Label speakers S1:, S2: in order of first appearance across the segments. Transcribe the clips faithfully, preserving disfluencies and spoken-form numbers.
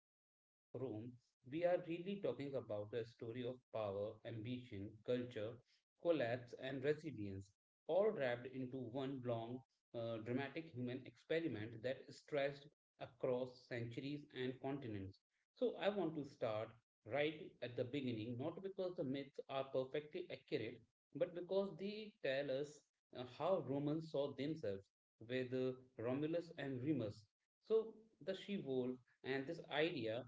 S1: the history of Rome, we are really talking about the story of power, ambition, culture, collapse, and resilience, all wrapped into one long, uh, dramatic human experiment that stretched across centuries and continents. So, I want to start right at the beginning, not because the myths are perfectly accurate, but because they tell us uh, how Romans saw themselves with uh, Romulus and Remus. So, the she wolf and this idea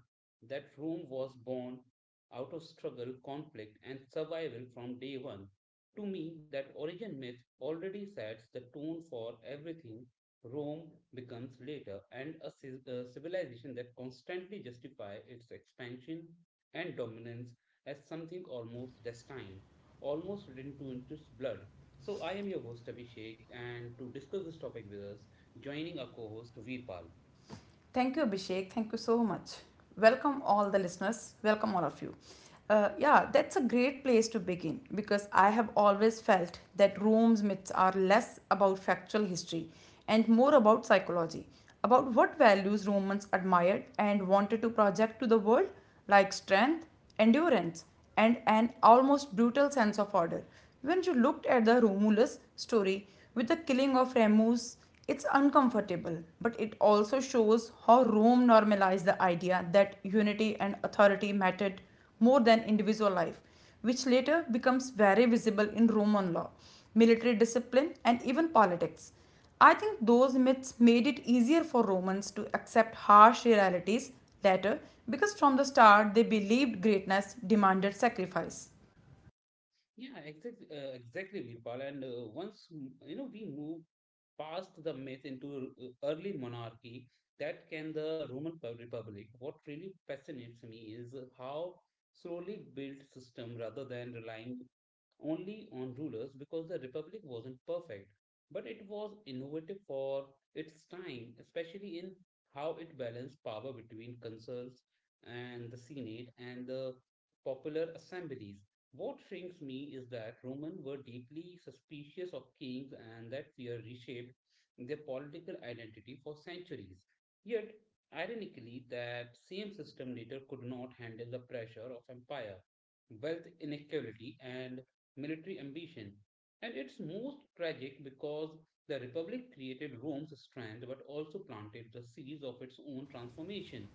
S1: that Rome was born out of struggle, conflict, and survival from day one. To me, that origin myth already sets the tone for everything Rome becomes later and a uh, civilization that constantly justifies its expansion and dominance as something almost destined, almost written to into its blood. So, I am your host Abhishek, and to discuss this topic with us, joining our co-host Veerpal.
S2: Thank you, Abhishek. Thank you so much. Welcome, all the listeners. Welcome, all of you. Uh, yeah, that's a great place to begin because I have always felt that Rome's myths are less about factual history and more about psychology, about what values Romans admired and wanted to project to the world, like strength, endurance, and an almost brutal sense of order. When you looked at the Romulus story with the killing of Remus, it's uncomfortable, but it also shows how Rome normalized the idea that unity and authority mattered more than individual life, which later becomes very visible in Roman law, military discipline, and even politics. I think those myths made it easier for Romans to accept harsh realities later because from the start they believed greatness demanded sacrifice.
S1: Yeah, exactly, uh, exactly, Veerpal. And uh, once you know, we move past the myth into uh, early monarchy that can the Roman Pub- Republic. What really fascinates me is how slowly built system rather than relying only on rulers because the republic wasn't perfect, but it was innovative for its time, especially in how it balanced power between consuls and the Senate and the popular assemblies. What shrinks me is that Romans were deeply suspicious of kings and that fear reshaped their political identity for centuries. Yet, ironically, that same system later could not handle the pressure of empire, wealth inequality, and military ambition. And it's most tragic because the Republic created Rome's strength but also planted the seeds of its own transformation.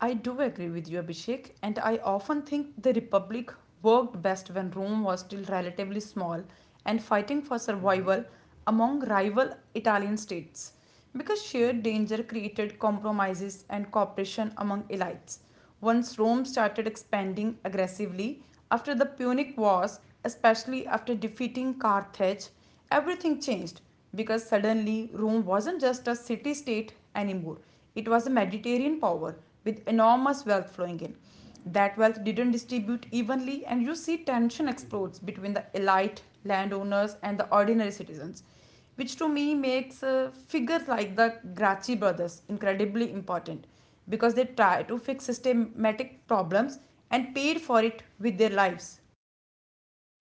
S2: I do agree with you, Abhishek, and I often think the Republic worked best when Rome was still relatively small and fighting for
S1: Mhm,
S2: survival among rival Italian states, because shared
S1: mhm,
S2: danger created compromises and cooperation among elites. Once Rome started expanding aggressively after the Punic Wars, especially after defeating Carthage, everything changed because suddenly Rome wasn't just a city state anymore, it was a Mediterranean power with enormous wealth flowing in. That wealth didn't distribute evenly, and you see tension
S1: mhm.
S2: explodes between the elite landowners and the ordinary citizens, which to me makes uh, figures like the Gracchi brothers incredibly important because they tried to fix systematic problems and paid for it with their lives.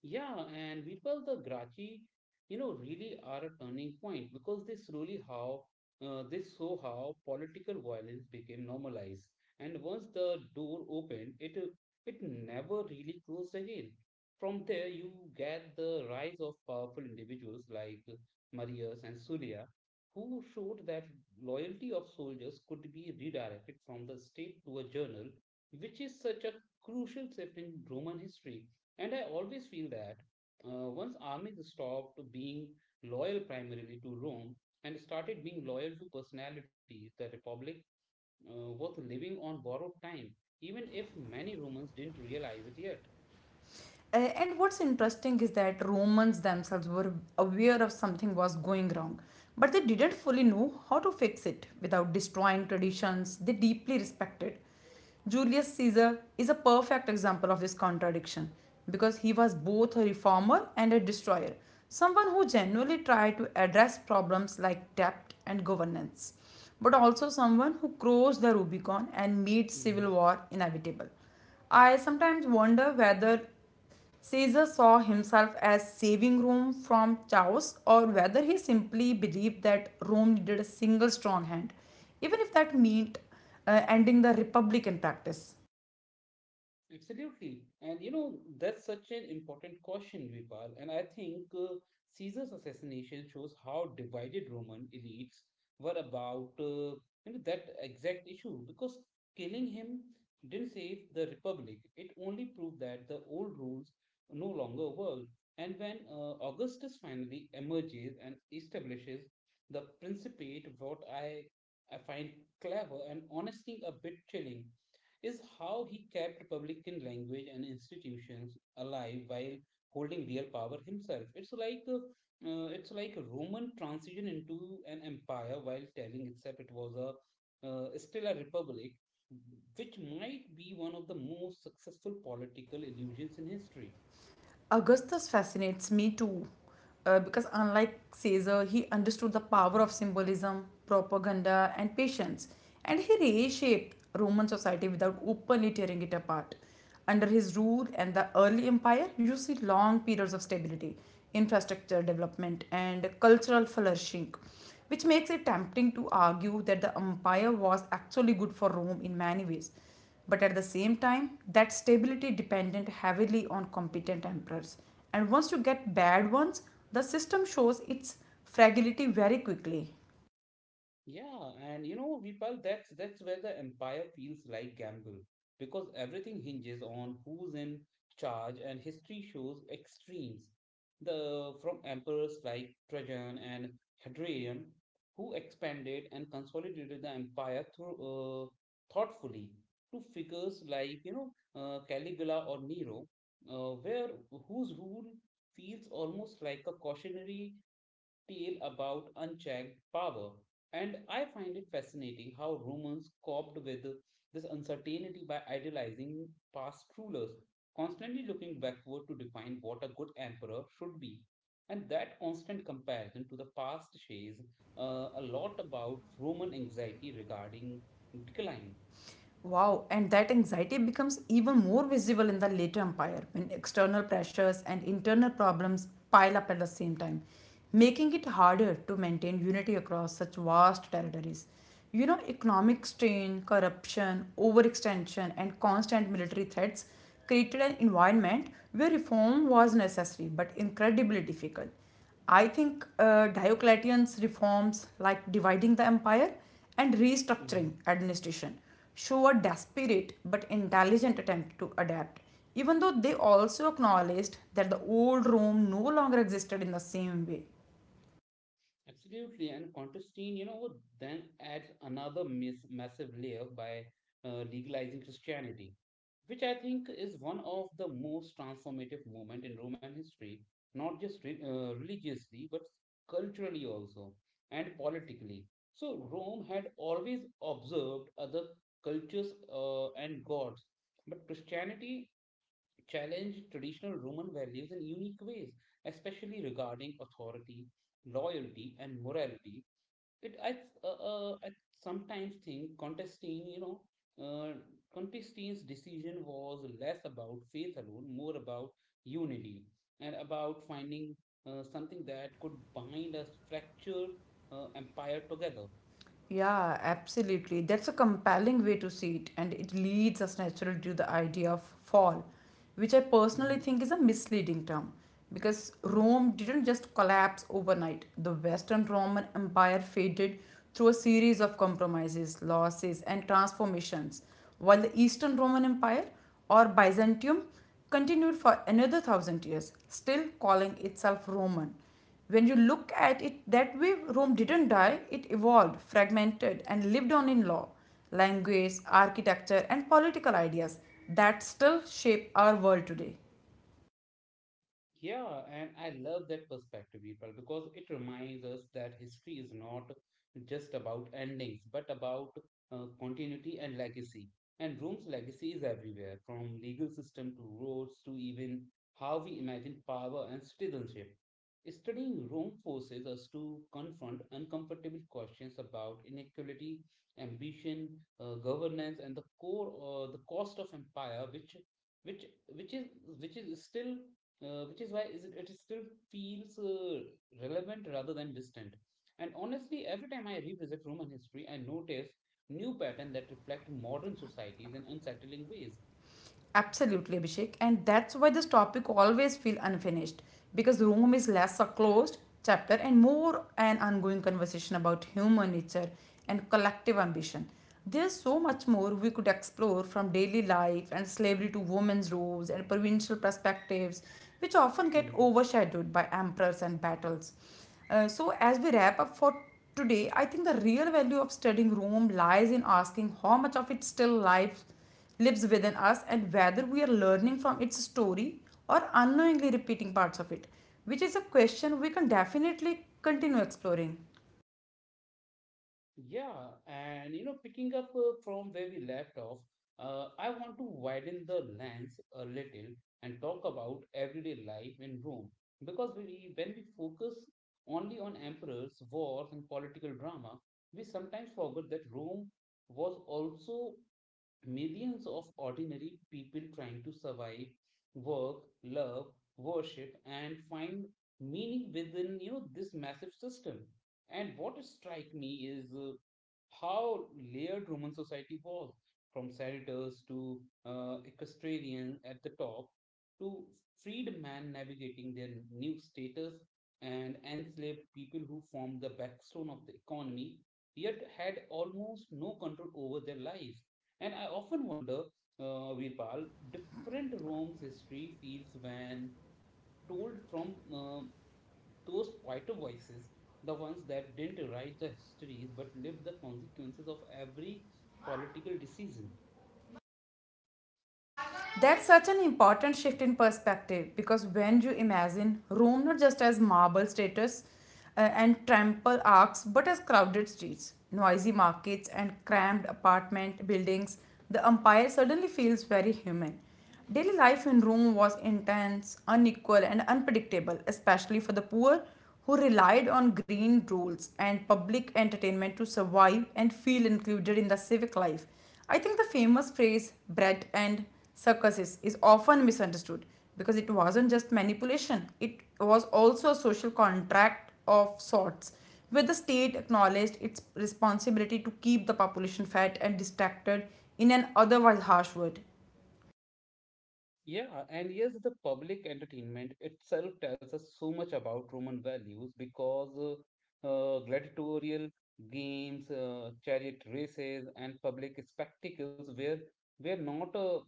S1: Yeah, and Virpal, the Grachi, you know, really are a turning point because they slowly how uh, they saw how political violence became normalized, and once the door opened, it uh, it never really closed again. From there, you get the rise of powerful individuals like Marius and Surya, who showed that loyalty of soldiers could be redirected from the state to a journal, which is such a crucial shift in Roman history. And I always feel that uh, once armies stopped being loyal primarily to Rome and started being loyal to personalities, the Republic uh, was living on borrowed time, even if many Romans didn't realize it yet.
S2: Uh, and what's interesting is that Romans themselves were aware of something was going wrong, but they didn't fully know how to fix it without destroying traditions they deeply respected. Julius Caesar is a perfect example of this contradiction because he was both a reformer and a destroyer, someone who genuinely tried to address problems like debt and governance, but also someone who crossed the Rubicon and made civil war inevitable. I sometimes wonder whether Caesar saw himself as saving Rome from chaos, or whether he simply believed that Rome needed a single strong hand, even if that meant uh, ending the republican practice.
S1: Absolutely. And you know, that's such an important question, Vipal. And I think uh, Caesar's assassination shows how divided Roman elites were about uh, you know, that exact issue because killing him didn't save the republic. It only proved that the old rules no longer worked. And when uh, Augustus finally emerges and establishes the Principate, what I I find clever and honestly a bit chilling is how he kept Republican language and institutions alive while holding real power himself. It's like uh, uh, it's like a Roman transition into an empire while telling except it was a uh, still a republic, which might be one of the most successful political illusions in history.
S2: Augustus fascinates me too, uh, because unlike Caesar, he understood the power of symbolism, propaganda, and patience, and he reshaped Roman society without openly tearing it apart. Under his rule and the early empire, you see long periods of stability, infrastructure development, and cultural flourishing, which makes it tempting to argue that the empire was actually good for Rome in many ways. But at the same time, that stability depended heavily on competent emperors. And once you get bad ones, the system shows its fragility very quickly.
S1: Yeah, and you know, Vipal, that's that's where the empire feels like gamble because everything hinges on who's in charge, and history shows extremes. The from emperors like Trajan and Hadrian, who expanded and consolidated the empire through uh, thoughtfully, to figures like you know uh, Caligula or Nero, uh, where whose rule feels almost like a cautionary tale about unchecked power. And I find it fascinating how Romans coped with this uncertainty by idealizing past rulers, constantly looking backward to define what a good emperor should be. And that constant comparison to the past says uh, a lot about Roman anxiety regarding decline.
S2: Wow, and that anxiety becomes even more visible in the later empire when external pressures and internal problems pile up at the same time, making it harder to maintain unity across such vast territories. You know, economic strain, corruption, overextension, and constant military threats created an environment where reform was necessary but incredibly difficult. I think uh, Diocletian's reforms, like dividing the empire and restructuring administration, show a desperate but intelligent attempt to adapt, even though they also acknowledged that the old Rome no longer existed in the same way.
S1: Absolutely, and Contestine, you know, then adds another miss massive layer by uh, legalizing Christianity, which I think is one of the most transformative moment in Roman history, not just re uh, religiously, but culturally also and politically. So Rome had always observed other cultures uh, and gods, but Christianity challenge traditional Roman values in unique ways, especially regarding authority, loyalty, and morality. It I, uh, uh, I sometimes think Constantine, you know, uh, Contestine's decision was less about faith alone, more about unity and about finding uh, something that could bind a fractured uh, empire together.
S2: Yeah, absolutely. That's a compelling way to see it, and it leads us naturally to the idea of fall, which I personally think is a misleading term because Rome didn't just collapse overnight. The Western Roman Empire faded through a series of compromises, losses, and transformations, while the Eastern Roman Empire or Byzantium continued for another thousand years, still calling itself Roman. When you look at it that way, Rome didn't die, it evolved, fragmented, and lived on in law, language, architecture, and political ideas that still shape our world today.
S1: Yeah, and I love that perspective, people, because it reminds us that history is not just about endings, but about uh, continuity and legacy. And Rome's legacy is everywhere, from legal system to roads to even how we imagine power and citizenship. Studying Rome forces us to confront uncomfortable questions about inequality, ambition, uh, governance, and the core, uh, the cost of empire, which which which is which is still uh, which is why is it, it still feels uh, relevant rather than distant. And honestly, every time I revisit Roman history, I notice new patterns that reflect modern societies in unsettling ways.
S2: Absolutely, Abhishek. And that's why this topic always feels unfinished because room is less a closed chapter and more an ongoing conversation about human nature and collective ambition. There's so much more we could explore from daily life and slavery to women's roles and provincial perspectives, which often get overshadowed by emperors and battles. Uh, so, as we wrap up for today, I think the real value of studying Rome lies in asking how much of it still lives lives within us and whether we are learning from its story or unknowingly repeating parts of it, which is a question we can definitely continue exploring.
S1: Yeah, and you know, picking up uh, from where we left off, uh, I want to widen the lens a little and talk about everyday life in Rome. Because we, when we focus only on emperors, wars, and political drama, we sometimes forget that Rome was also millions of ordinary people trying to survive, work, love, worship, and find meaning within you know this massive system. And what strike me is uh, how layered Roman society was, from senators to uh, equestrian at the top to freedmen navigating their new status and enslaved people who formed the backbone of the economy, yet had almost no control over their lives. And I often wonder, uh, Virpal, different Rome's history feels when told from uh, those quieter voices, the ones that didn't write the histories but lived the consequences of every political decision.
S2: That's such an important shift in perspective because when you imagine Rome not just as marble statues uh, and temple arcs but as crowded streets, noisy markets, and crammed apartment buildings, the empire suddenly feels very human. Daily life in Rome was intense, unequal, and unpredictable, especially for the poor who relied on green rules and public entertainment to survive and feel included in the civic life. I think the famous phrase bread and circuses is often misunderstood because it wasn't just manipulation, it was also a social contract of sorts where the state acknowledged its responsibility to keep the population fed and distracted in an otherwise harsh word.
S1: Yeah, and yes, the public entertainment itself tells us so much about Roman values because uh, uh, gladiatorial games, uh, chariot races, and public spectacles were were not uh,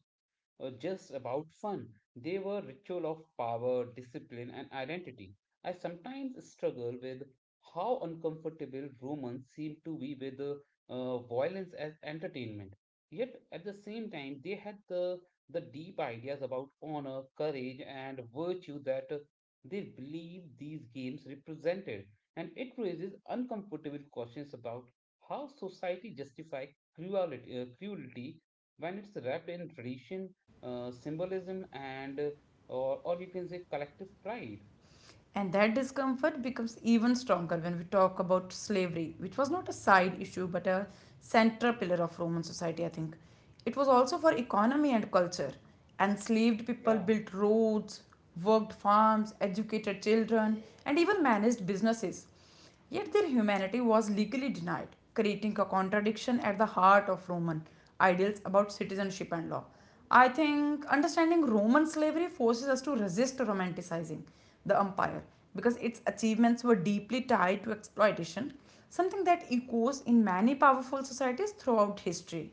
S1: uh, just about fun. They were ritual of power, discipline, and identity. I sometimes struggle with how uncomfortable Romans seem to be with uh, uh, violence as entertainment. Yet at the same time, they had the the deep ideas about honor, courage, and virtue that uh, they believe these games represented. And it raises uncomfortable questions about how society justifies cruelty, uh, cruelty when it's wrapped in tradition uh, symbolism and uh, or or you can say collective pride.
S2: And that discomfort becomes even stronger when we talk about slavery, which was not a side issue but a central pillar of Roman society, I think. It was also for economy and culture. Enslaved people
S1: Yeah.
S2: built roads, worked farms, educated children, and even managed businesses. Yet their humanity was legally denied, creating a contradiction at the heart of Roman ideals about citizenship and law. I think understanding Roman slavery forces us to resist romanticizing the empire because its achievements were deeply tied to exploitation, something that echoes in many powerful societies throughout history.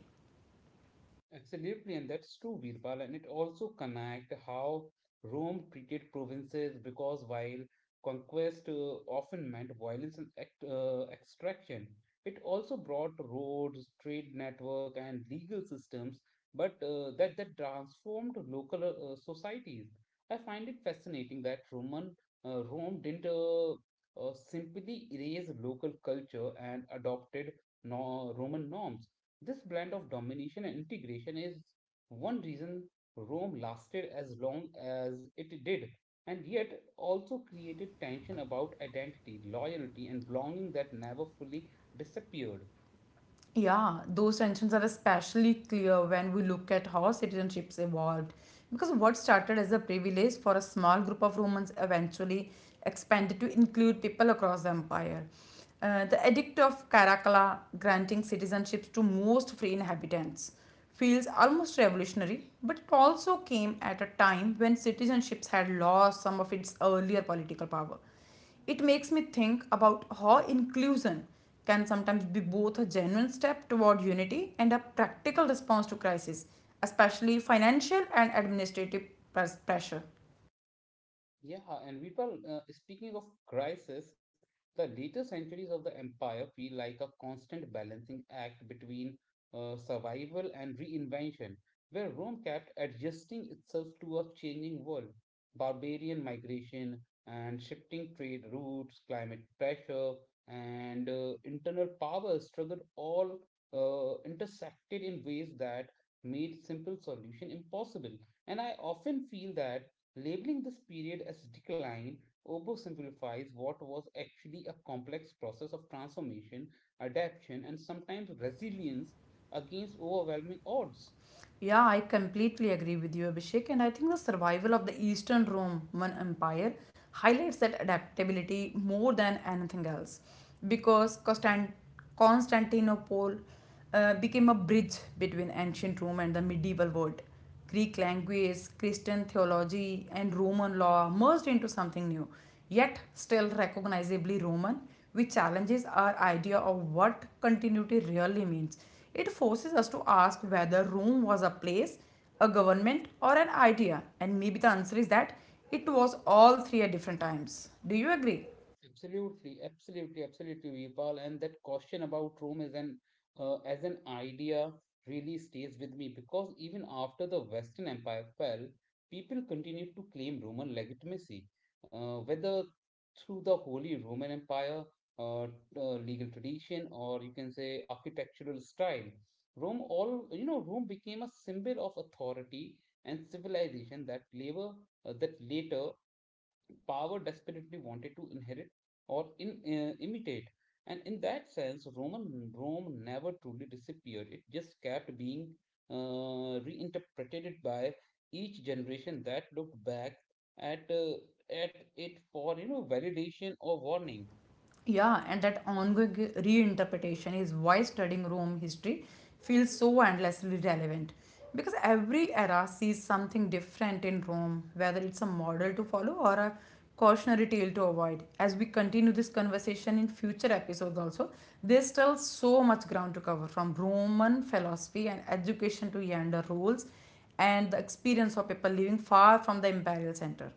S1: Absolutely, and that's true, Birbal, and it also connect how Rome treated provinces because while conquest uh, often meant violence and act, uh, extraction, it also brought roads, trade network, and legal systems, but uh, that that transformed local uh, societies. I find it fascinating that Roman uh, Rome didn't uh, uh, simply erase local culture and adopted no Roman norms. This blend of domination and integration is one reason Rome lasted as long as it did, and yet also created tension about identity, loyalty, and belonging that never fully disappeared.
S2: Yeah, those tensions are especially clear when we look at how citizenships evolved. Because what started as a privilege for a small group of Romans eventually expanded to include people across the empire. Uh, the Edict of Caracalla, granting citizenships to most free inhabitants, feels almost revolutionary, but it also came at a time when citizenships had lost some of its earlier political power. It makes me think about how inclusion can sometimes be both a genuine step toward unity and a practical response to crisis, especially financial and administrative pres- pressure.
S1: Yeah, and Vipul, uh, speaking of crisis, the later centuries of the empire feel like a constant balancing act between uh, survival and reinvention, where Rome kept adjusting itself to a changing world. Barbarian migration and shifting trade routes, climate pressure, and uh, internal power struggle all uh, intersected in ways that made simple solution impossible. And I often feel that labeling this period as decline oversimplifies what was actually a complex process of transformation, adaptation, and sometimes resilience against overwhelming odds.
S2: Yeah, I completely agree with you, Abhishek, and I think the survival of the Eastern Roman Empire highlights that adaptability more than anything else because Constant- Constantinople uh, became a bridge between ancient Rome and the medieval world. Greek language, Christian theology, and Roman law merged into something new, yet still recognizably Roman, which challenges our idea of what continuity really means. It forces us to ask whether Rome was a place, a government, or an idea, and maybe the answer is that it was all three at different times. Do you agree?
S1: Absolutely, absolutely, absolutely, Vipal. And that question about Rome is an uh, as an idea really stays with me because even after the Western Empire fell, people continued to claim Roman legitimacy, uh, whether through the Holy Roman Empire, uh, uh, legal tradition, or you can say architectural style. Rome, all you know, Rome became a symbol of authority and civilization that labor uh, that later power desperately wanted to inherit or in, uh, imitate. And in that sense, Roman Rome never truly disappeared. It just kept being uh, reinterpreted by each generation that looked back at uh, at it for you know validation or warning.
S2: Yeah, and that ongoing reinterpretation is why studying Rome history feels so endlessly relevant. Because every era sees something different in Rome, whether it's a model to follow or a cautionary tale to avoid. As we continue this conversation in future episodes, also, there's still so much ground to cover from Roman philosophy and education to gender roles and the experience of people living far from the imperial center.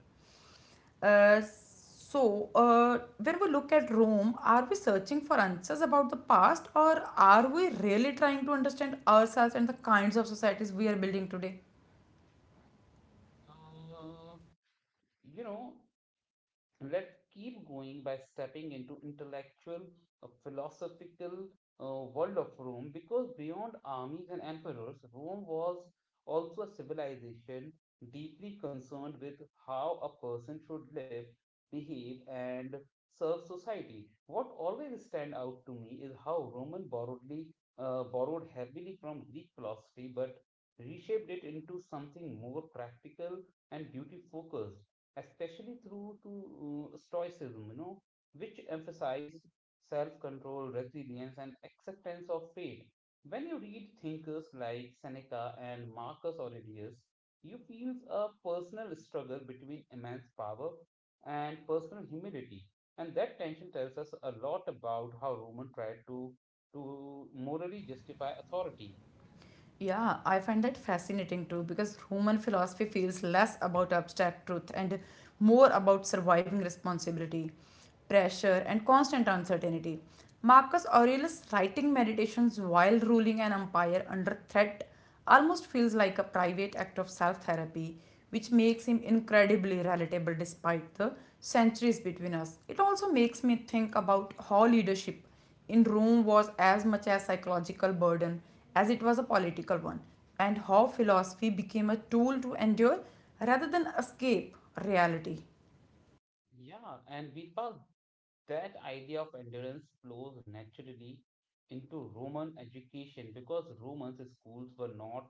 S2: Uh, so, uh, when we look at Rome, are we searching for answers about the past or are we really trying to understand ourselves and the kinds of societies we are building today?
S1: Uh, you know. Let's keep going by stepping into intellectual, uh, philosophical uh, world of Rome because beyond armies and emperors, Rome was also a civilization deeply concerned with how a person should live, behave, and serve society. What always stand out to me is how Roman borrowedly uh, borrowed heavily from Greek philosophy, but reshaped it into something more practical and duty focused especially through to uh, stoicism, you know, which emphasized self-control, resilience, and acceptance of fate. When you read thinkers like Seneca and Marcus Aurelius, you feel a personal struggle between immense power and personal humility, and that tension tells us a lot about how Roman tried to to morally justify authority.
S2: Yeah, I find that fascinating too because human philosophy feels less about abstract truth and more about surviving responsibility, pressure, and constant uncertainty. Marcus Aurelius writing meditations while ruling an empire under threat almost feels like a private act of self therapy, which makes him incredibly relatable despite the centuries between us. It also makes me think about how leadership in Rome was as much a psychological burden as it was a political one, and how philosophy became a tool to endure rather than escape reality.
S1: Yeah, and Virpal, that idea of endurance flows naturally into Roman education because Romans schools were not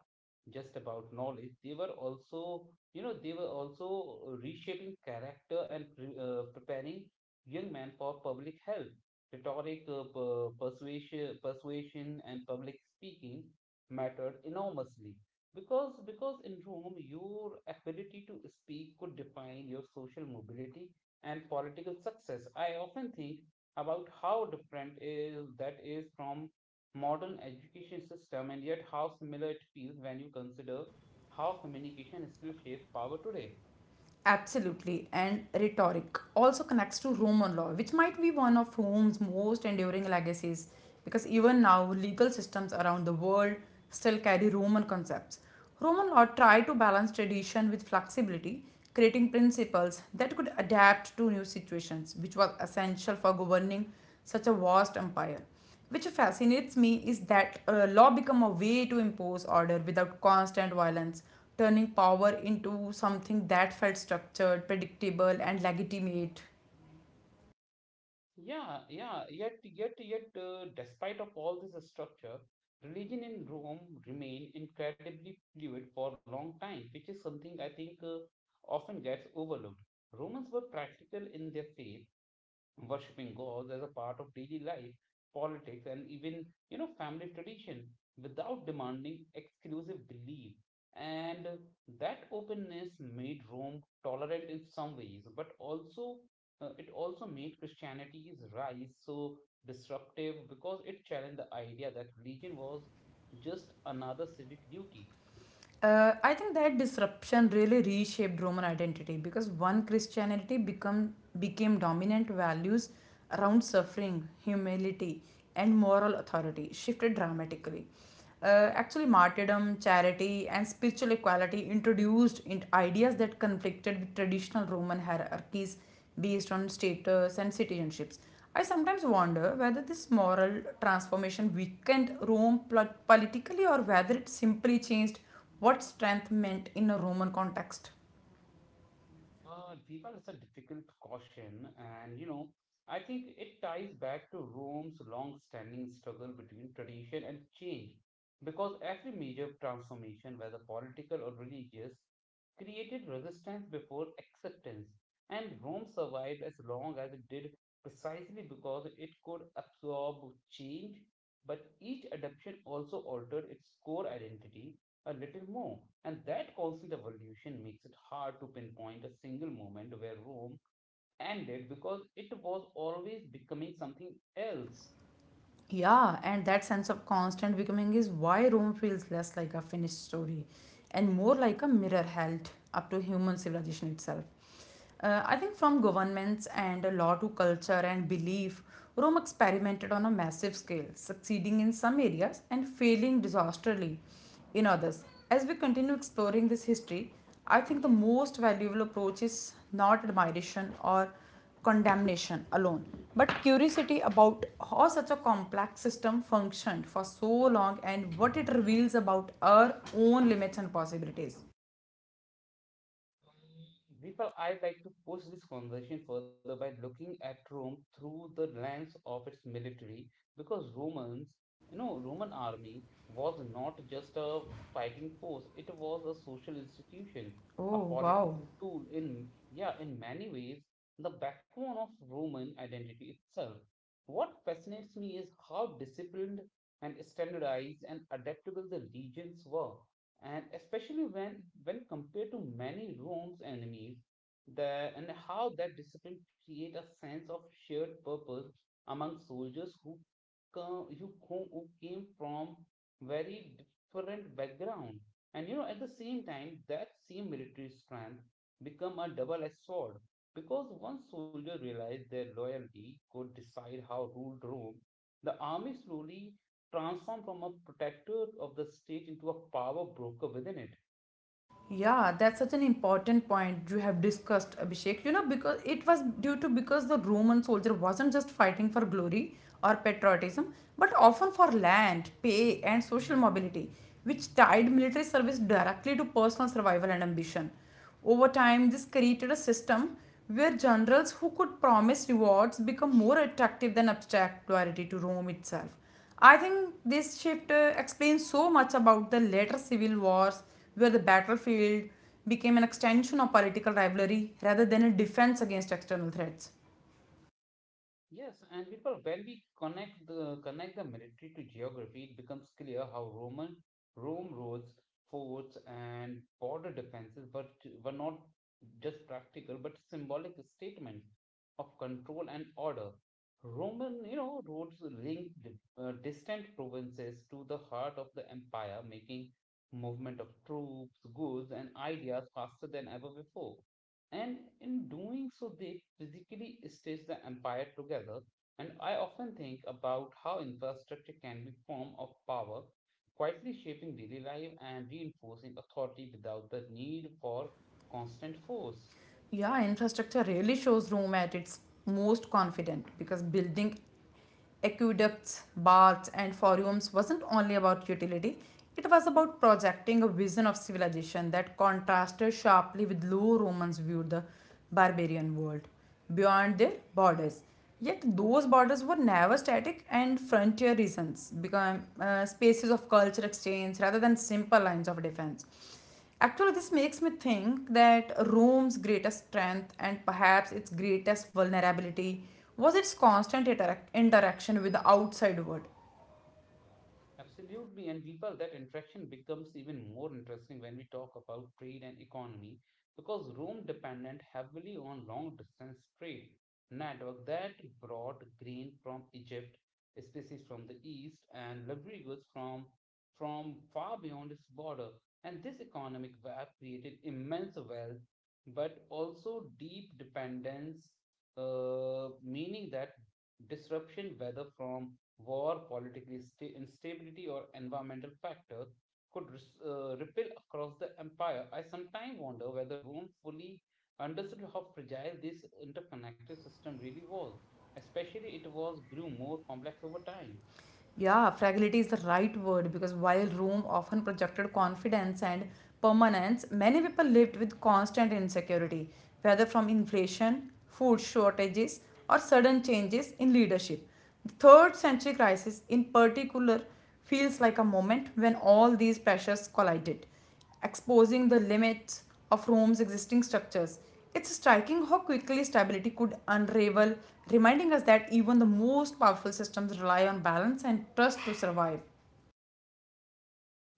S1: just about knowledge. They were also, you know, they were also reshaping character and pre- uh, preparing young men for public health. Rhetoric, uh, per- persuasion, persuasion, and public speaking mattered enormously because because in Rome, your ability to speak could define your social mobility and political success. I often think about how different is that is from modern education system, and yet how similar it feels when you consider how communication still shapes power today.
S2: Absolutely, and rhetoric also connects to Roman law, which might be one of Rome's most enduring legacies because even now legal systems around the world still carry Roman concepts. Roman law tried to balance tradition with flexibility, creating principles that could adapt to new situations, which was essential for governing such a vast empire. Which fascinates me is that uh, law become a way to impose order without constant violence, turning power into something that felt structured, predictable, and legitimate.
S1: Yeah, yeah, yet yet yet uh, despite of all this structure, religion in Rome remained incredibly fluid for a long time, which is something I think uh, often gets overlooked. Romans were practical in their faith, worshipping gods as a part of daily life, politics, and even you know family tradition without demanding exclusive belief. And that openness made Rome tolerant in some ways, but also uh, it also made Christianity's rise so disruptive because it challenged the idea that religion was just another civic duty.
S2: Uh, I think that disruption really reshaped Roman identity because one Christianity become became dominant values around suffering, humility, and moral authority shifted dramatically. Uh, actually, martyrdom, charity, and spiritual equality introduced in ideas that conflicted with traditional Roman hierarchies based on status and citizenships. I sometimes wonder whether this moral transformation weakened Rome pl- politically or whether it simply changed what strength meant in a Roman context.
S1: Uh, Deepa, is a difficult caution, and you know, I think it ties back to Rome's long-standing struggle between tradition and change, because every major transformation, whether political or religious, created resistance before acceptance, and Rome survived as long as it did precisely because it could absorb change, but each adaptation also altered its core identity a little more. And that constant evolution makes it hard to pinpoint a single moment where Rome ended because it was always becoming something else.
S2: Yeah, and that sense of constant becoming is why Rome feels less like a finished story and more like a mirror held up to human civilization itself. Uh, I think from governments and law to culture and belief, Rome experimented on a massive scale, succeeding in some areas and failing disastrously in others. As we continue exploring this history, I think the most valuable approach is not admiration or condemnation alone, but curiosity about how such a complex system functioned for so long and what it reveals about our own limits and possibilities.
S1: Deepa, I'd like to push this conversation further by looking at Rome through the lens of its military, because Romans, you know, Roman army was not just a fighting force; it was a social institution, a
S2: Oh, wow.
S1: political tool. In, yeah, in many ways, the backbone of Roman identity itself. What fascinates me is how disciplined and standardized and adaptable the legions were, and especially when when compared to many Rome's enemies, the and how that discipline create a sense of shared purpose among soldiers who come who, co- who came from very different background. And you know, at the same time, that same military strength become a double-edged sword because once soldier realized their loyalty could decide how ruled Rome. The army slowly transformed from a protector of the stage into a power broker within it.
S2: Yeah, that's such an important point you have discussed, Abhishek. You know, because it was due to because the Roman soldier wasn't just fighting for glory or patriotism, but often for land, pay, and social mobility, which tied military service directly to personal survival and ambition. Over time, this created a system where generals who could promise rewards become more attractive than abstract loyalty to Rome itself. I think this shift uh, explains so much about the later civil wars, where the battlefield became an extension of political rivalry rather than a defense against external threats.
S1: Yes, and people, when we connect the connect the military to geography, it becomes clear how Roman Rome roads, forts, and border defenses were were not just practical but symbolic statement of control and order. Roman, you know, roads linked uh, distant provinces to the heart of the empire, making movement of troops, goods, and ideas faster than ever before. And in doing so, they physically stitch the empire together. And I often think about how infrastructure can be form of power, quietly shaping daily life and reinforcing authority without the need for constant force.
S2: Yeah, infrastructure really shows Rome at its most confident because building aqueducts, baths, and forums wasn't only about utility, it was about projecting a vision of civilization that contrasted sharply with how Romans viewed the barbarian world beyond their borders. Yet those borders were never static and frontier regions became uh, spaces of culture exchange rather than simple lines of defense. Actually, this makes me think that Rome's greatest strength and perhaps its greatest vulnerability was its constant interac- interaction with the outside world.
S1: Absolutely. And people, that interaction becomes even more interesting when we talk about trade and economy because Rome depended heavily on long distance trade network that brought grain from Egypt, species from the east, and luxury goods from from far beyond its border. And this economic web created immense wealth, but also deep dependence, uh, meaning that disruption, whether from war, political sta- instability, or environmental factors could res- uh, ripple across the empire. I sometimes wonder whether Rome fully understood how fragile this interconnected system really was, especially it was grew more complex over time.
S2: Yeah, fragility is the right word because while Rome often projected confidence and permanence, many people lived with constant insecurity, whether from inflation, food shortages, or sudden changes in leadership. The third century crisis, in particular, feels like a moment when all these pressures collided, exposing the limits of Rome's existing structures. It's striking how quickly stability could unravel, reminding us that even the most powerful systems rely on balance and trust to survive.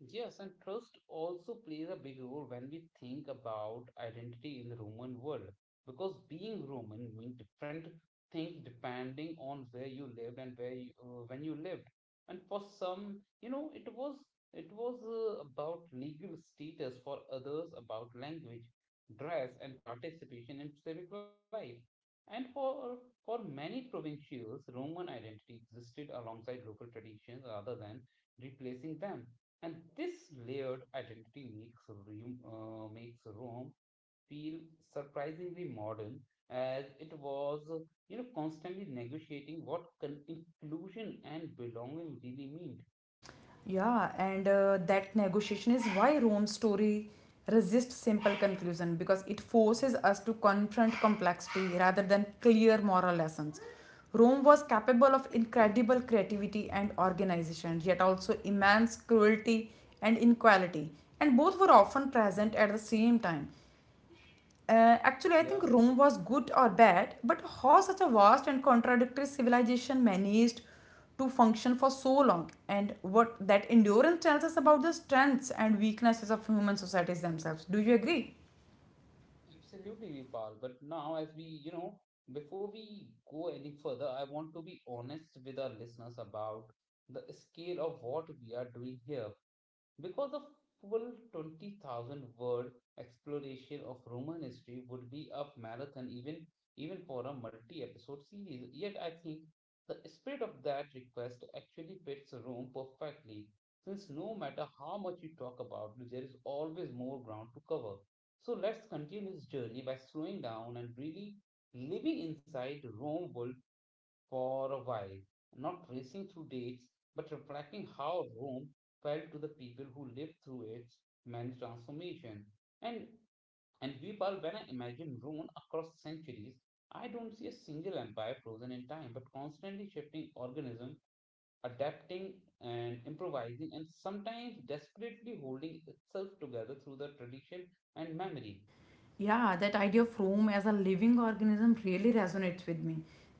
S1: Yes, and trust also plays a big role when we think about identity in the Roman world, because being Roman means different things depending on where you lived and where you, uh, when you lived. And for some, you know, it was it was uh, about legal status, for others about language, dress, and participation in civic life. And for for many provincials, Roman identity existed alongside local traditions rather than replacing them. And this layered identity makes room, uh, makes Rome feel surprisingly modern, as it was, uh, you know, constantly negotiating what con- inclusion and belonging really mean.
S2: Yeah, and uh, that negotiation is why Rome's story resists simple conclusion because it forces us to confront complexity rather than clear moral lessons. Rome was capable of incredible creativity and organization, yet also immense cruelty and inequality, and both were often present at the same time. Uh, actually, I think
S1: Yeah,
S2: Rome was good or bad, but how such a vast and contradictory civilization managed to function for so long, and what that endurance tells us about the strengths and weaknesses of human societies themselves. Do you agree?
S1: absolutely, Vipal. But now, as we, you know, before we go any further, I want to be honest with our listeners about the scale of what we are doing here because a full twenty thousand word exploration of Roman history would be a marathon, even even for a multi-episode series. Yet I think the spirit of that request actually fits Rome perfectly, since no matter how much you talk about, there is always more ground to cover. So let's continue this journey by slowing down and really living inside Rome world for a while, not racing through dates, but reflecting how Rome felt to the people who lived through its many transformation. And and Vipal, when I imagine Rune across centuries, I don't see a single empire frozen in time, but constantly shifting organism, adapting and improvising, and sometimes desperately holding itself together through the tradition and memory.
S2: Yeah, that idea of Rome as a living organism really resonates with me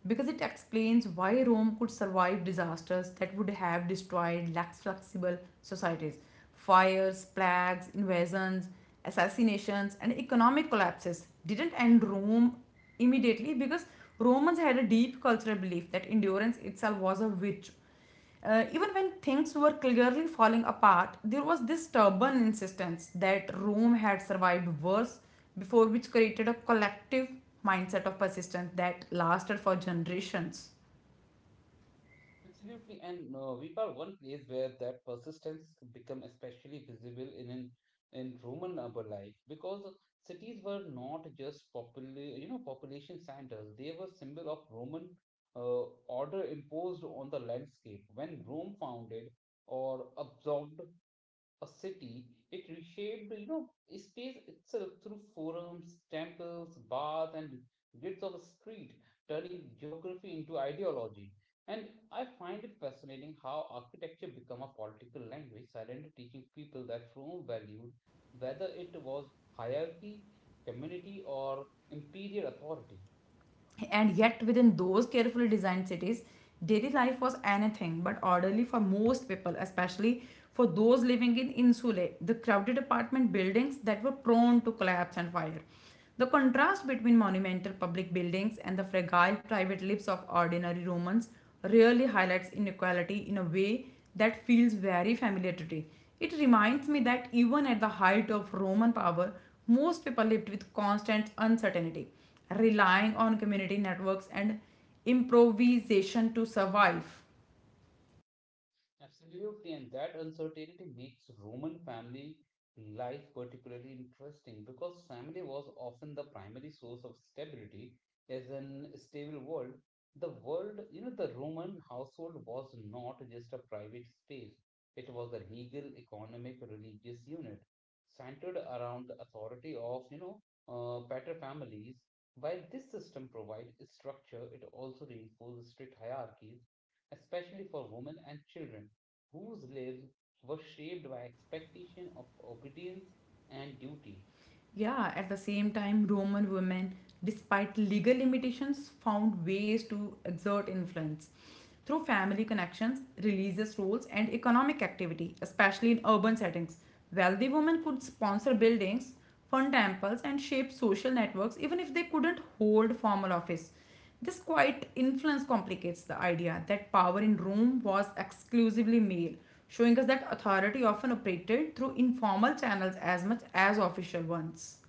S2: because it explains why Rome could survive disasters that would have destroyed less flexible societies: fires, plagues, invasions, assassinations, and economic collapses didn't end Rome immediately, because Romans had a deep cultural belief that endurance itself was a virtue. Uh, even when things were clearly falling apart, there was this stubborn insistence that Rome had survived worse before, which created a collective mindset of persistence that lasted for generations.
S1: Absolutely, and uh, we are one place where that persistence become especially visible in an in Roman urban life because cities were not just popula- you know population centers; they were symbol of Roman uh, order imposed on the landscape. When Rome founded or absorbed a city, it reshaped, you know, space itself through forums, temples, baths, and grids of a street, turning geography into ideology. And I find it fascinating how architecture became a political language, silently teaching people that Rome valued whether it was hierarchy, community, or imperial authority.
S2: And yet, within those carefully designed cities, daily life was anything but orderly for most people, especially for those living in insulae, the crowded apartment buildings that were prone to collapse and fire. The contrast between monumental public buildings and the fragile private lives of ordinary Romans really highlights inequality in a way that feels very familiar today. It reminds me that even at the height of Roman power, most people lived with constant uncertainty, relying on community networks and improvisation to survive.
S1: Absolutely, and that uncertainty makes Roman family life particularly interesting because family was often the primary source of stability as an stable world. The world, you know, the Roman household was not just a private space, it was a legal, economic, religious unit centered around the authority of, you know, uh, pater families. While this system provides structure, it also reinforces strict hierarchies, especially for women and children whose lives were shaped by expectation of obedience and duty.
S2: Yeah, at the same time, Roman women, despite legal limitations, found ways to exert influence through family connections, religious rules, and economic activity, especially in urban settings. Wealthy women could sponsor buildings, fund temples, and shape social networks even if they couldn't hold formal office. This quiet influence complicates the idea that power in Rome was exclusively male, showing us that authority often operated through informal channels as much as official ones.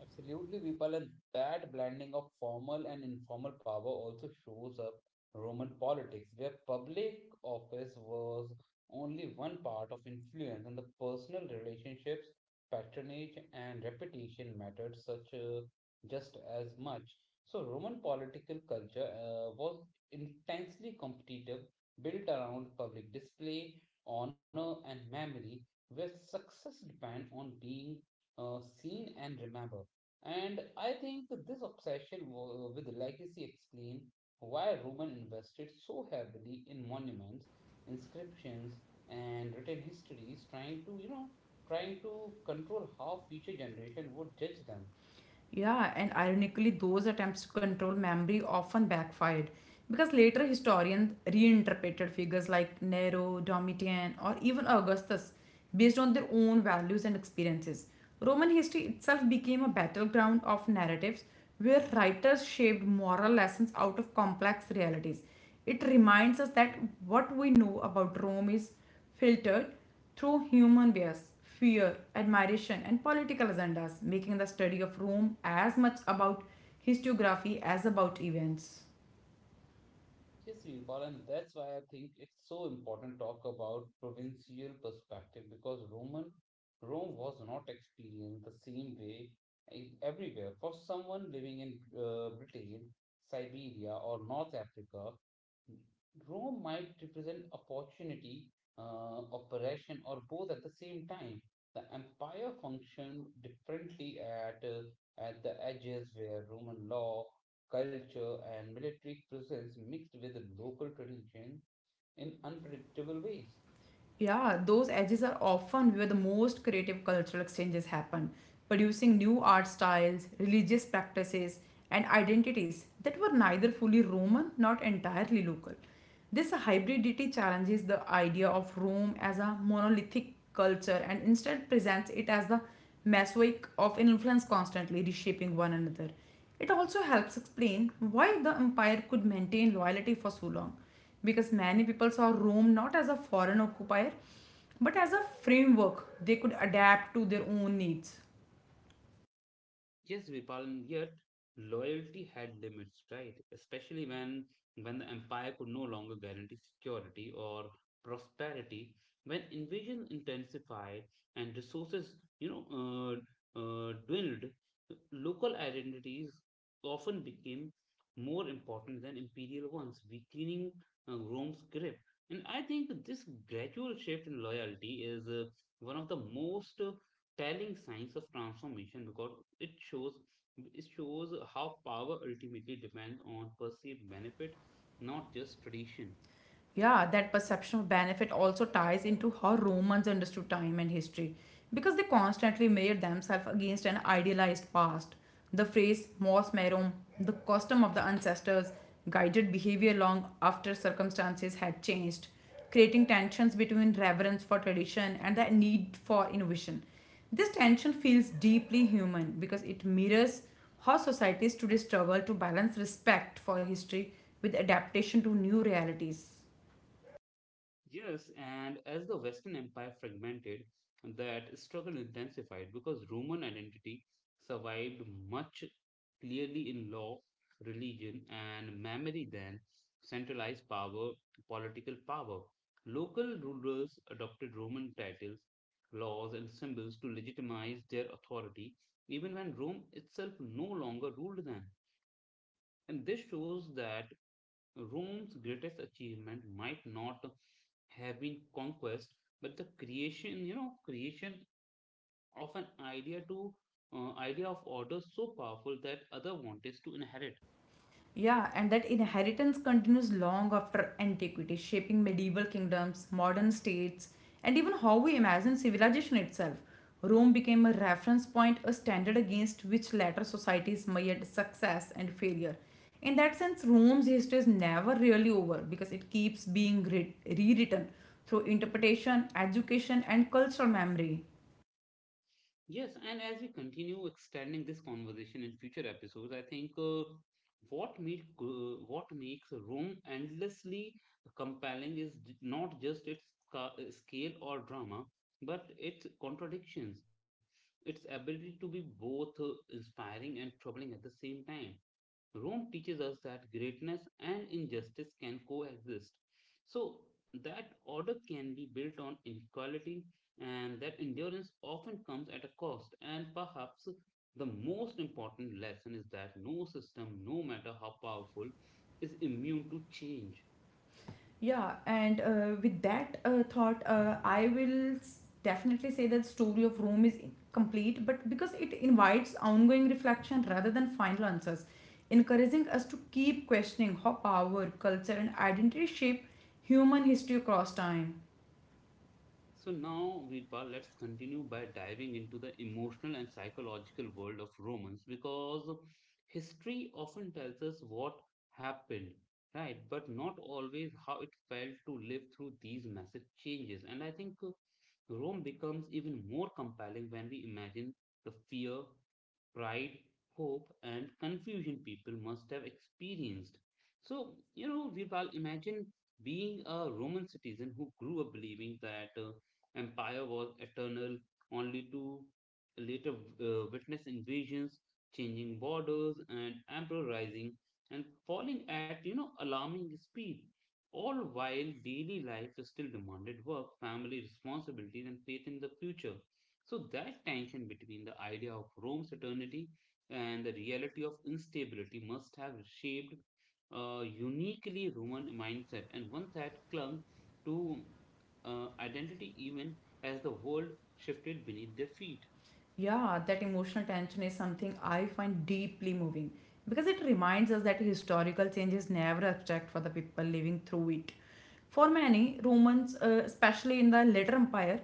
S1: Absolutely, Vipal, and that blending of formal and informal power also shows up Roman politics, where public office was only one part of influence, and the personal relationships, patronage, and reputation mattered such uh, just as much. So, Roman political culture uh, was intensely competitive, built around public display, honor, and memory, where success depend on being uh, seen and remembered. And I think that this obsession w- with legacy explains why Roman invested so heavily in monuments, inscriptions, and written histories, trying to, you know, trying to control how future generation would judge them.
S2: Yeah, and ironically, those attempts to control memory often backfired because later historians reinterpreted figures like Nero, Domitian, or even Augustus based on their own values and experiences. Roman history itself became a battleground of narratives where writers shaped moral lessons out of complex realities. It reminds us that
S1: Mhm.
S2: what we know about Rome is filtered through human bias, fear, admiration, and political agendas, making the study of Rome as much about historiography as about events.
S1: Yes, Virpal, and that's why I think it's so important to talk about provincial perspective because Roman Rome was not experienced the same way in- everywhere. For someone living in uh, Britain, Siberia, or North Africa, Rome might represent opportunity, uh, operation, or both at the same time. The empire functioned differently at, uh, at the edges, where Roman law, culture, and military presence mixed with local tradition in unpredictable ways.
S2: Yeah, those edges are often where the most creative cultural exchanges happen, producing new art styles, religious practices, and identities that were neither fully Roman nor entirely local. This hybridity challenges the idea of Rome as a monolithic culture and instead presents it as the mosaic of influence constantly reshaping one another. It also helps explain why the empire could maintain loyalty for so long because many people saw Rome not as a foreign occupier but as a framework they could adapt to their own needs.
S1: Yes, Vipal, and yet loyalty had limits, right? Especially when when the empire could no longer guarantee security or prosperity, when invasion intensified and resources, you know, uh, uh, dwindled, local identities often became more important than imperial ones, weakening uh, Rome's grip. And I think this gradual shift in loyalty is uh, one of the most uh, telling signs of transformation because it shows it shows how power ultimately depends on perceived benefit, not just tradition.
S2: Yeah, that perception of benefit also ties into how Romans understood time and history because they constantly measured themselves against an idealized past. The phrase mos merum, the custom of the ancestors, guided behavior long after circumstances had changed, creating tensions between reverence for tradition and the need for innovation. This tension feels deeply human because it mirrors how societies today struggle to balance respect for history with adaptation to new realities.
S1: Yes, and as the Western Empire fragmented, that struggle intensified because Roman identity survived much clearly in law, religion, and memory than centralized power, political power. Local rulers adopted Roman titles, laws, and symbols to legitimize their authority, even when Rome itself no longer ruled them. And this shows that Rome's greatest achievement might not have been conquest, but the creation, you know, creation of an idea to uh, idea of order so powerful that other wanted to inherit.
S2: Yeah, and that inheritance continues long after antiquity, shaping medieval kingdoms, modern states, and even how we imagine civilization itself. Rome became a reference point, a standard against which later societies measured success and failure. In that sense, Rome's history is never really over because it keeps being re- rewritten through interpretation, education, and cultural memory.
S1: Yes, and as we continue expanding this conversation in future episodes, I think uh, what make, uh, what makes Rome endlessly compelling is j- not just its ca- uh, scale or drama, but its contradictions, its ability to be both uh, inspiring and troubling at the same time. Rome teaches us that greatness and injustice can coexist. So, that order can be built on inequality, and that endurance often comes at a cost. And perhaps the most important lesson is that no system, no matter how powerful, is immune to change.
S2: Yeah, and uh, with that uh, thought, uh, I will s- definitely say that story of Rome is complete, but because it invites ongoing reflection rather than final answers, encouraging us to keep questioning how power, culture, and identity shape human history across time.
S1: So now, Virpa, let's continue by diving into the emotional and psychological world of romance because history often tells us what happened, right? But not always how it felt to live through these massive changes. And I think uh, Rome becomes even more compelling when we imagine the fear, pride, hope, and confusion people must have experienced. So, you know, Virpal, imagine being a Roman citizen who grew up believing that. Uh, empire was eternal, only to later uh, witness invasions, changing borders, and emperor rising and falling at you know alarming speed. All while daily life still demanded work, family responsibilities, and faith in the future. So that tension between the idea of Rome's eternity and the reality of instability must have shaped a uniquely Roman mindset and one that clung to uh, identity even as the world shifted beneath their feet.
S2: Yeah, that emotional tension is something I find deeply moving because it reminds us that historical change is never abstract for the people living through it. For many Romans, uh, especially in the later empire,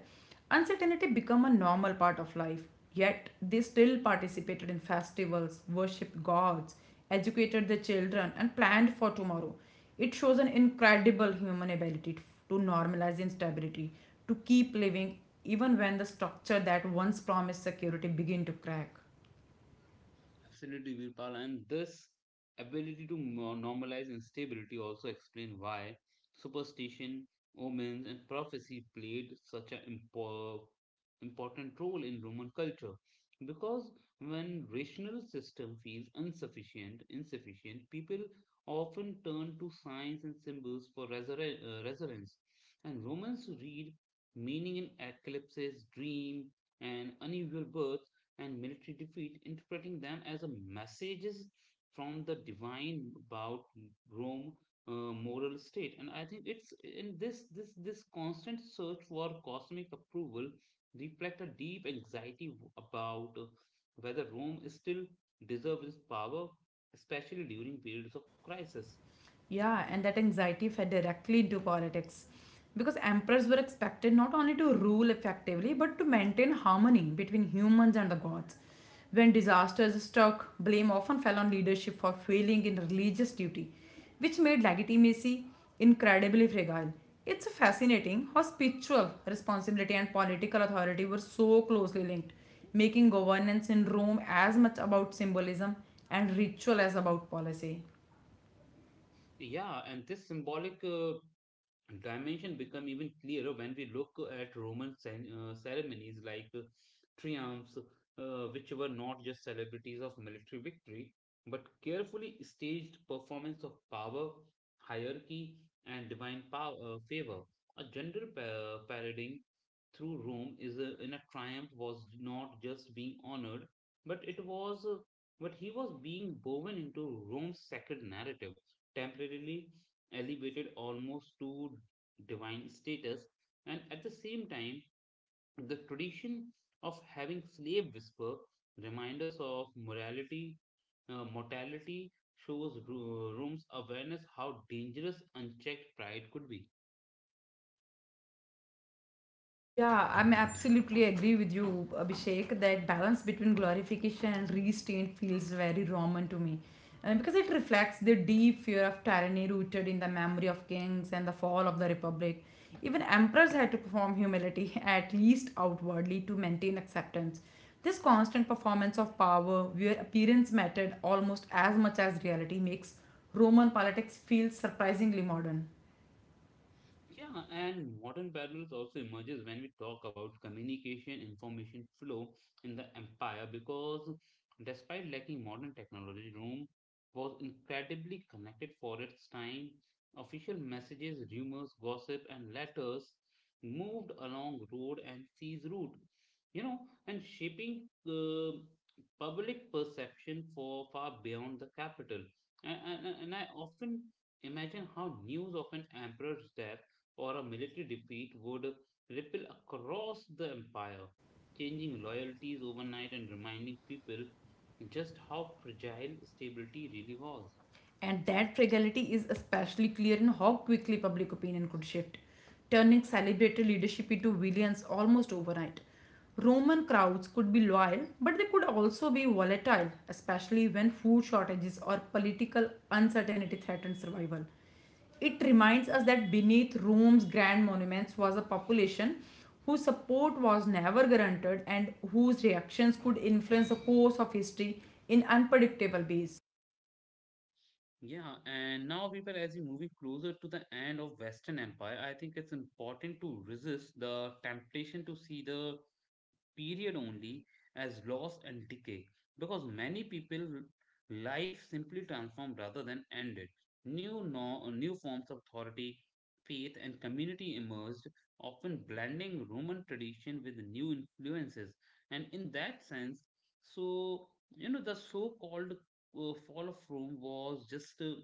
S2: uncertainty became a normal part of life. Yet they still participated in festivals, worshipped gods, educated their children, and planned for tomorrow. It shows an incredible human ability to normalize instability, to keep living even when the structure that once promised security begin to crack.
S1: Absolutely, Virpal. And this ability to mo- normalize instability also explain why superstition, omens, and prophecy played such an impo- important role in Roman culture. Because when rational system feels insufficient, insufficient, people often turn to signs and symbols for resur- uh, resonance. And Romans read meaning in eclipses, dream, and unusual birth and military defeat, interpreting them as a messages from the divine about Rome uh, moral state. And I think it's in this this this constant search for cosmic approval reflect a deep anxiety about uh, whether Rome is still deserves its power, especially during periods of crisis.
S2: Yeah, and that anxiety fed directly into politics because emperors were expected not only to rule effectively but to maintain harmony between humans and the gods. When disasters struck, blame often fell on leadership for failing in religious duty, which made legitimacy incredibly fragile. It's fascinating how spiritual responsibility and political authority were so closely linked, making governance in Rome as much about symbolism and ritual as about policy.
S1: Yeah, and this symbolic uh, dimension become even clearer when we look at Roman cen- uh, ceremonies like uh, triumphs, uh, which were not just celebrities of military victory, but carefully staged performance of power, hierarchy, and divine pow- uh, favor. A general pa- uh, parading through Rome is a, in a triumph was not just being honored, but it was, uh, but he was being woven into Rome's sacred narrative temporarily elevated almost to divine status, and at the same time, the tradition of having slave whisper reminders of morality, uh, mortality shows Rome's awareness how dangerous unchecked pride could be.
S2: Yeah, I'm absolutely agree with you, Abhishek. That balance between glorification and restraint feels very Roman to me. And because it reflects the deep fear of tyranny rooted in the memory of kings and the fall of the republic. Even emperors had to perform humility, at least outwardly, to maintain acceptance. This constant performance of power, where appearance mattered almost as much as reality, makes Roman politics feel surprisingly modern.
S1: Yeah, and modern parallels also emerges when we talk about communication information flow in the empire because despite lacking modern technology, Rome was incredibly connected for its time. Official messages, rumors, gossip, and letters moved along road and seas route, you know, and shaping the public perception for far beyond the capital. And, and, and I often imagine how news of an emperor's death or a military defeat would ripple across the empire, changing loyalties overnight and reminding people just how fragile stability really was.
S2: And that fragility is especially clear in how quickly public opinion could shift, turning celebratory leadership into villains almost overnight. Roman crowds could be loyal, but they could also be volatile, especially when food shortages or political uncertainty threatened survival. It reminds us that beneath Rome's grand monuments was a population whose support was never guaranteed and whose reactions could influence the course of history in unpredictable ways.
S1: Yeah, and now, people, as we move closer to the end of Western Empire, I think it's important to resist the temptation to see the period only as loss and decay because many people life simply transformed rather than ended new no, new forms of authority faith and community emerged often blending roman tradition with new influences and in that sense so you know the so called uh, fall of Rome was just uh,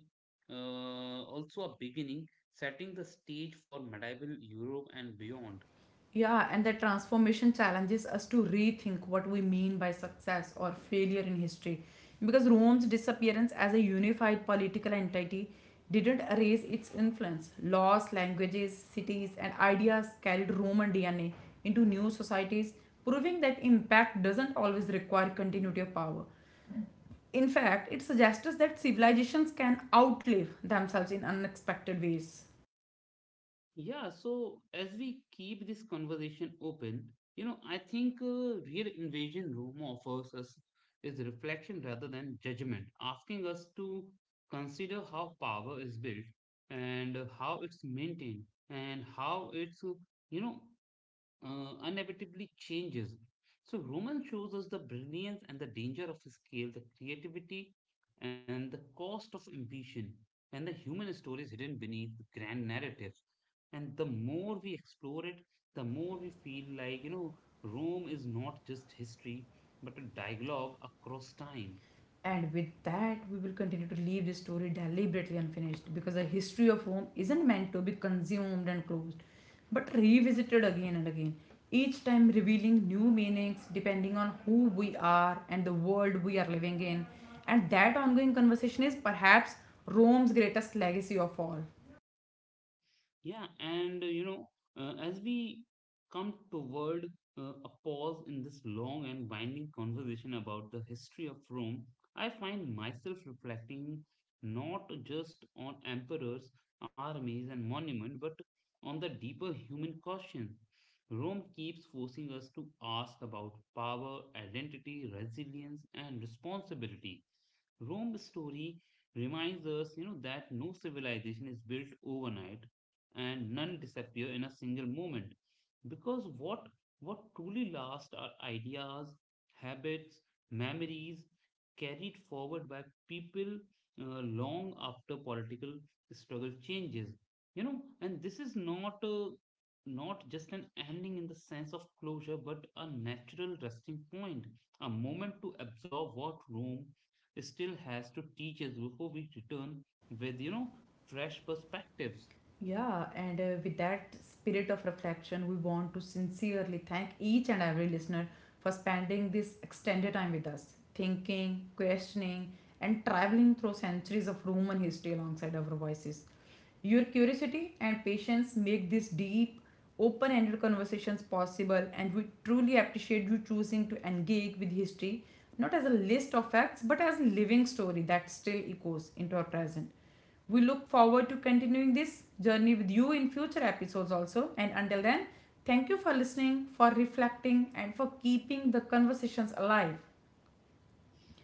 S1: uh, also a beginning setting the stage for medieval Europe and beyond.
S2: Yeah, and that transformation challenges us to rethink what we mean by success or failure in history. Because Rome's disappearance as a unified political entity didn't erase its influence. Laws, languages, cities, and ideas carried Roman D N A into new societies, proving that impact doesn't always require continuity of power. In fact, it suggests that civilizations can outlive themselves in unexpected ways.
S1: Yeah, so as we keep this conversation open, you know, I think uh, Real Invasion Room offers us is reflection rather than judgment, asking us to consider how power is built and uh, how it's maintained and how it's, uh, you know, uh, inevitably changes. So Roman shows us the brilliance and the danger of scale, the creativity and the cost of ambition, and the human stories hidden beneath the grand narratives. And the more we explore it, the more we feel like, you know, Rome is not just history, but a dialogue across time.
S2: And with that, we will continue to leave this story deliberately unfinished because the history of Rome isn't meant to be consumed and closed, but revisited again and again, each time revealing new meanings depending on who we are and the world we are living in. And that ongoing conversation is perhaps Rome's greatest legacy of all.
S1: Yeah, and uh, you know, uh, as we come toward uh, a pause in this long and winding conversation about the history of Rome, I find myself reflecting not just on emperors, armies, and monuments, but on the deeper human question. Rome keeps forcing us to ask about power, identity, resilience, and responsibility. Rome's story reminds us, you know, that no civilization is built overnight, and none disappear in a single moment because what what truly lasts are ideas, habits, memories carried forward by people uh, long after political struggle changes. You know and this is not uh, not just an ending in the sense of closure but a natural resting point, a moment to absorb what Rome still has to teach us before we return with you know fresh perspectives.
S2: Yeah, and uh, with that spirit of reflection, we want to sincerely thank each and every listener for spending this extended time with us, thinking, questioning, and traveling through centuries of Roman history alongside our voices. Your curiosity and patience make these deep, open ended conversations possible, and we truly appreciate you choosing to engage with history not as a list of facts but as a living story that still echoes into our present. We look forward to continuing this journey with you in future episodes also. And until then, thank you for listening, for reflecting, and for keeping the conversations alive.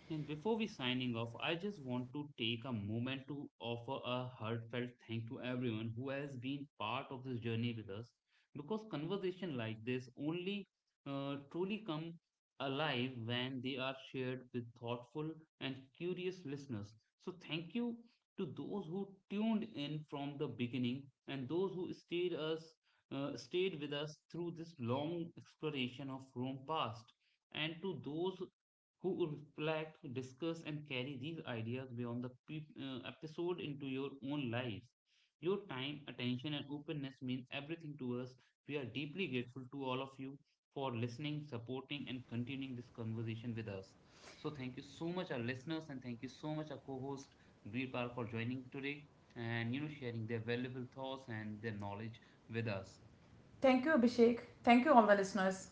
S1: And before we signing off, I just want to take a moment to offer a heartfelt thank to everyone who has been part of this journey with us because conversation like this only uh, truly come alive when they are shared with thoughtful and curious listeners. So thank you to those who tuned in from the beginning and those who stayed us uh, stayed with us through this long exploration of Rome past and to those who reflect, discuss, and carry these ideas beyond the pe- uh, episode into your own lives. Your time, attention, and openness mean everything to us. We are deeply grateful to all of you for listening, supporting, and continuing this conversation with us. So, thank you so much, our listeners, and thank you so much, our co host Veerpal, for joining today and you know sharing their valuable thoughts and their knowledge with us.
S2: Thank you, Abhishek. Thank you, all the listeners.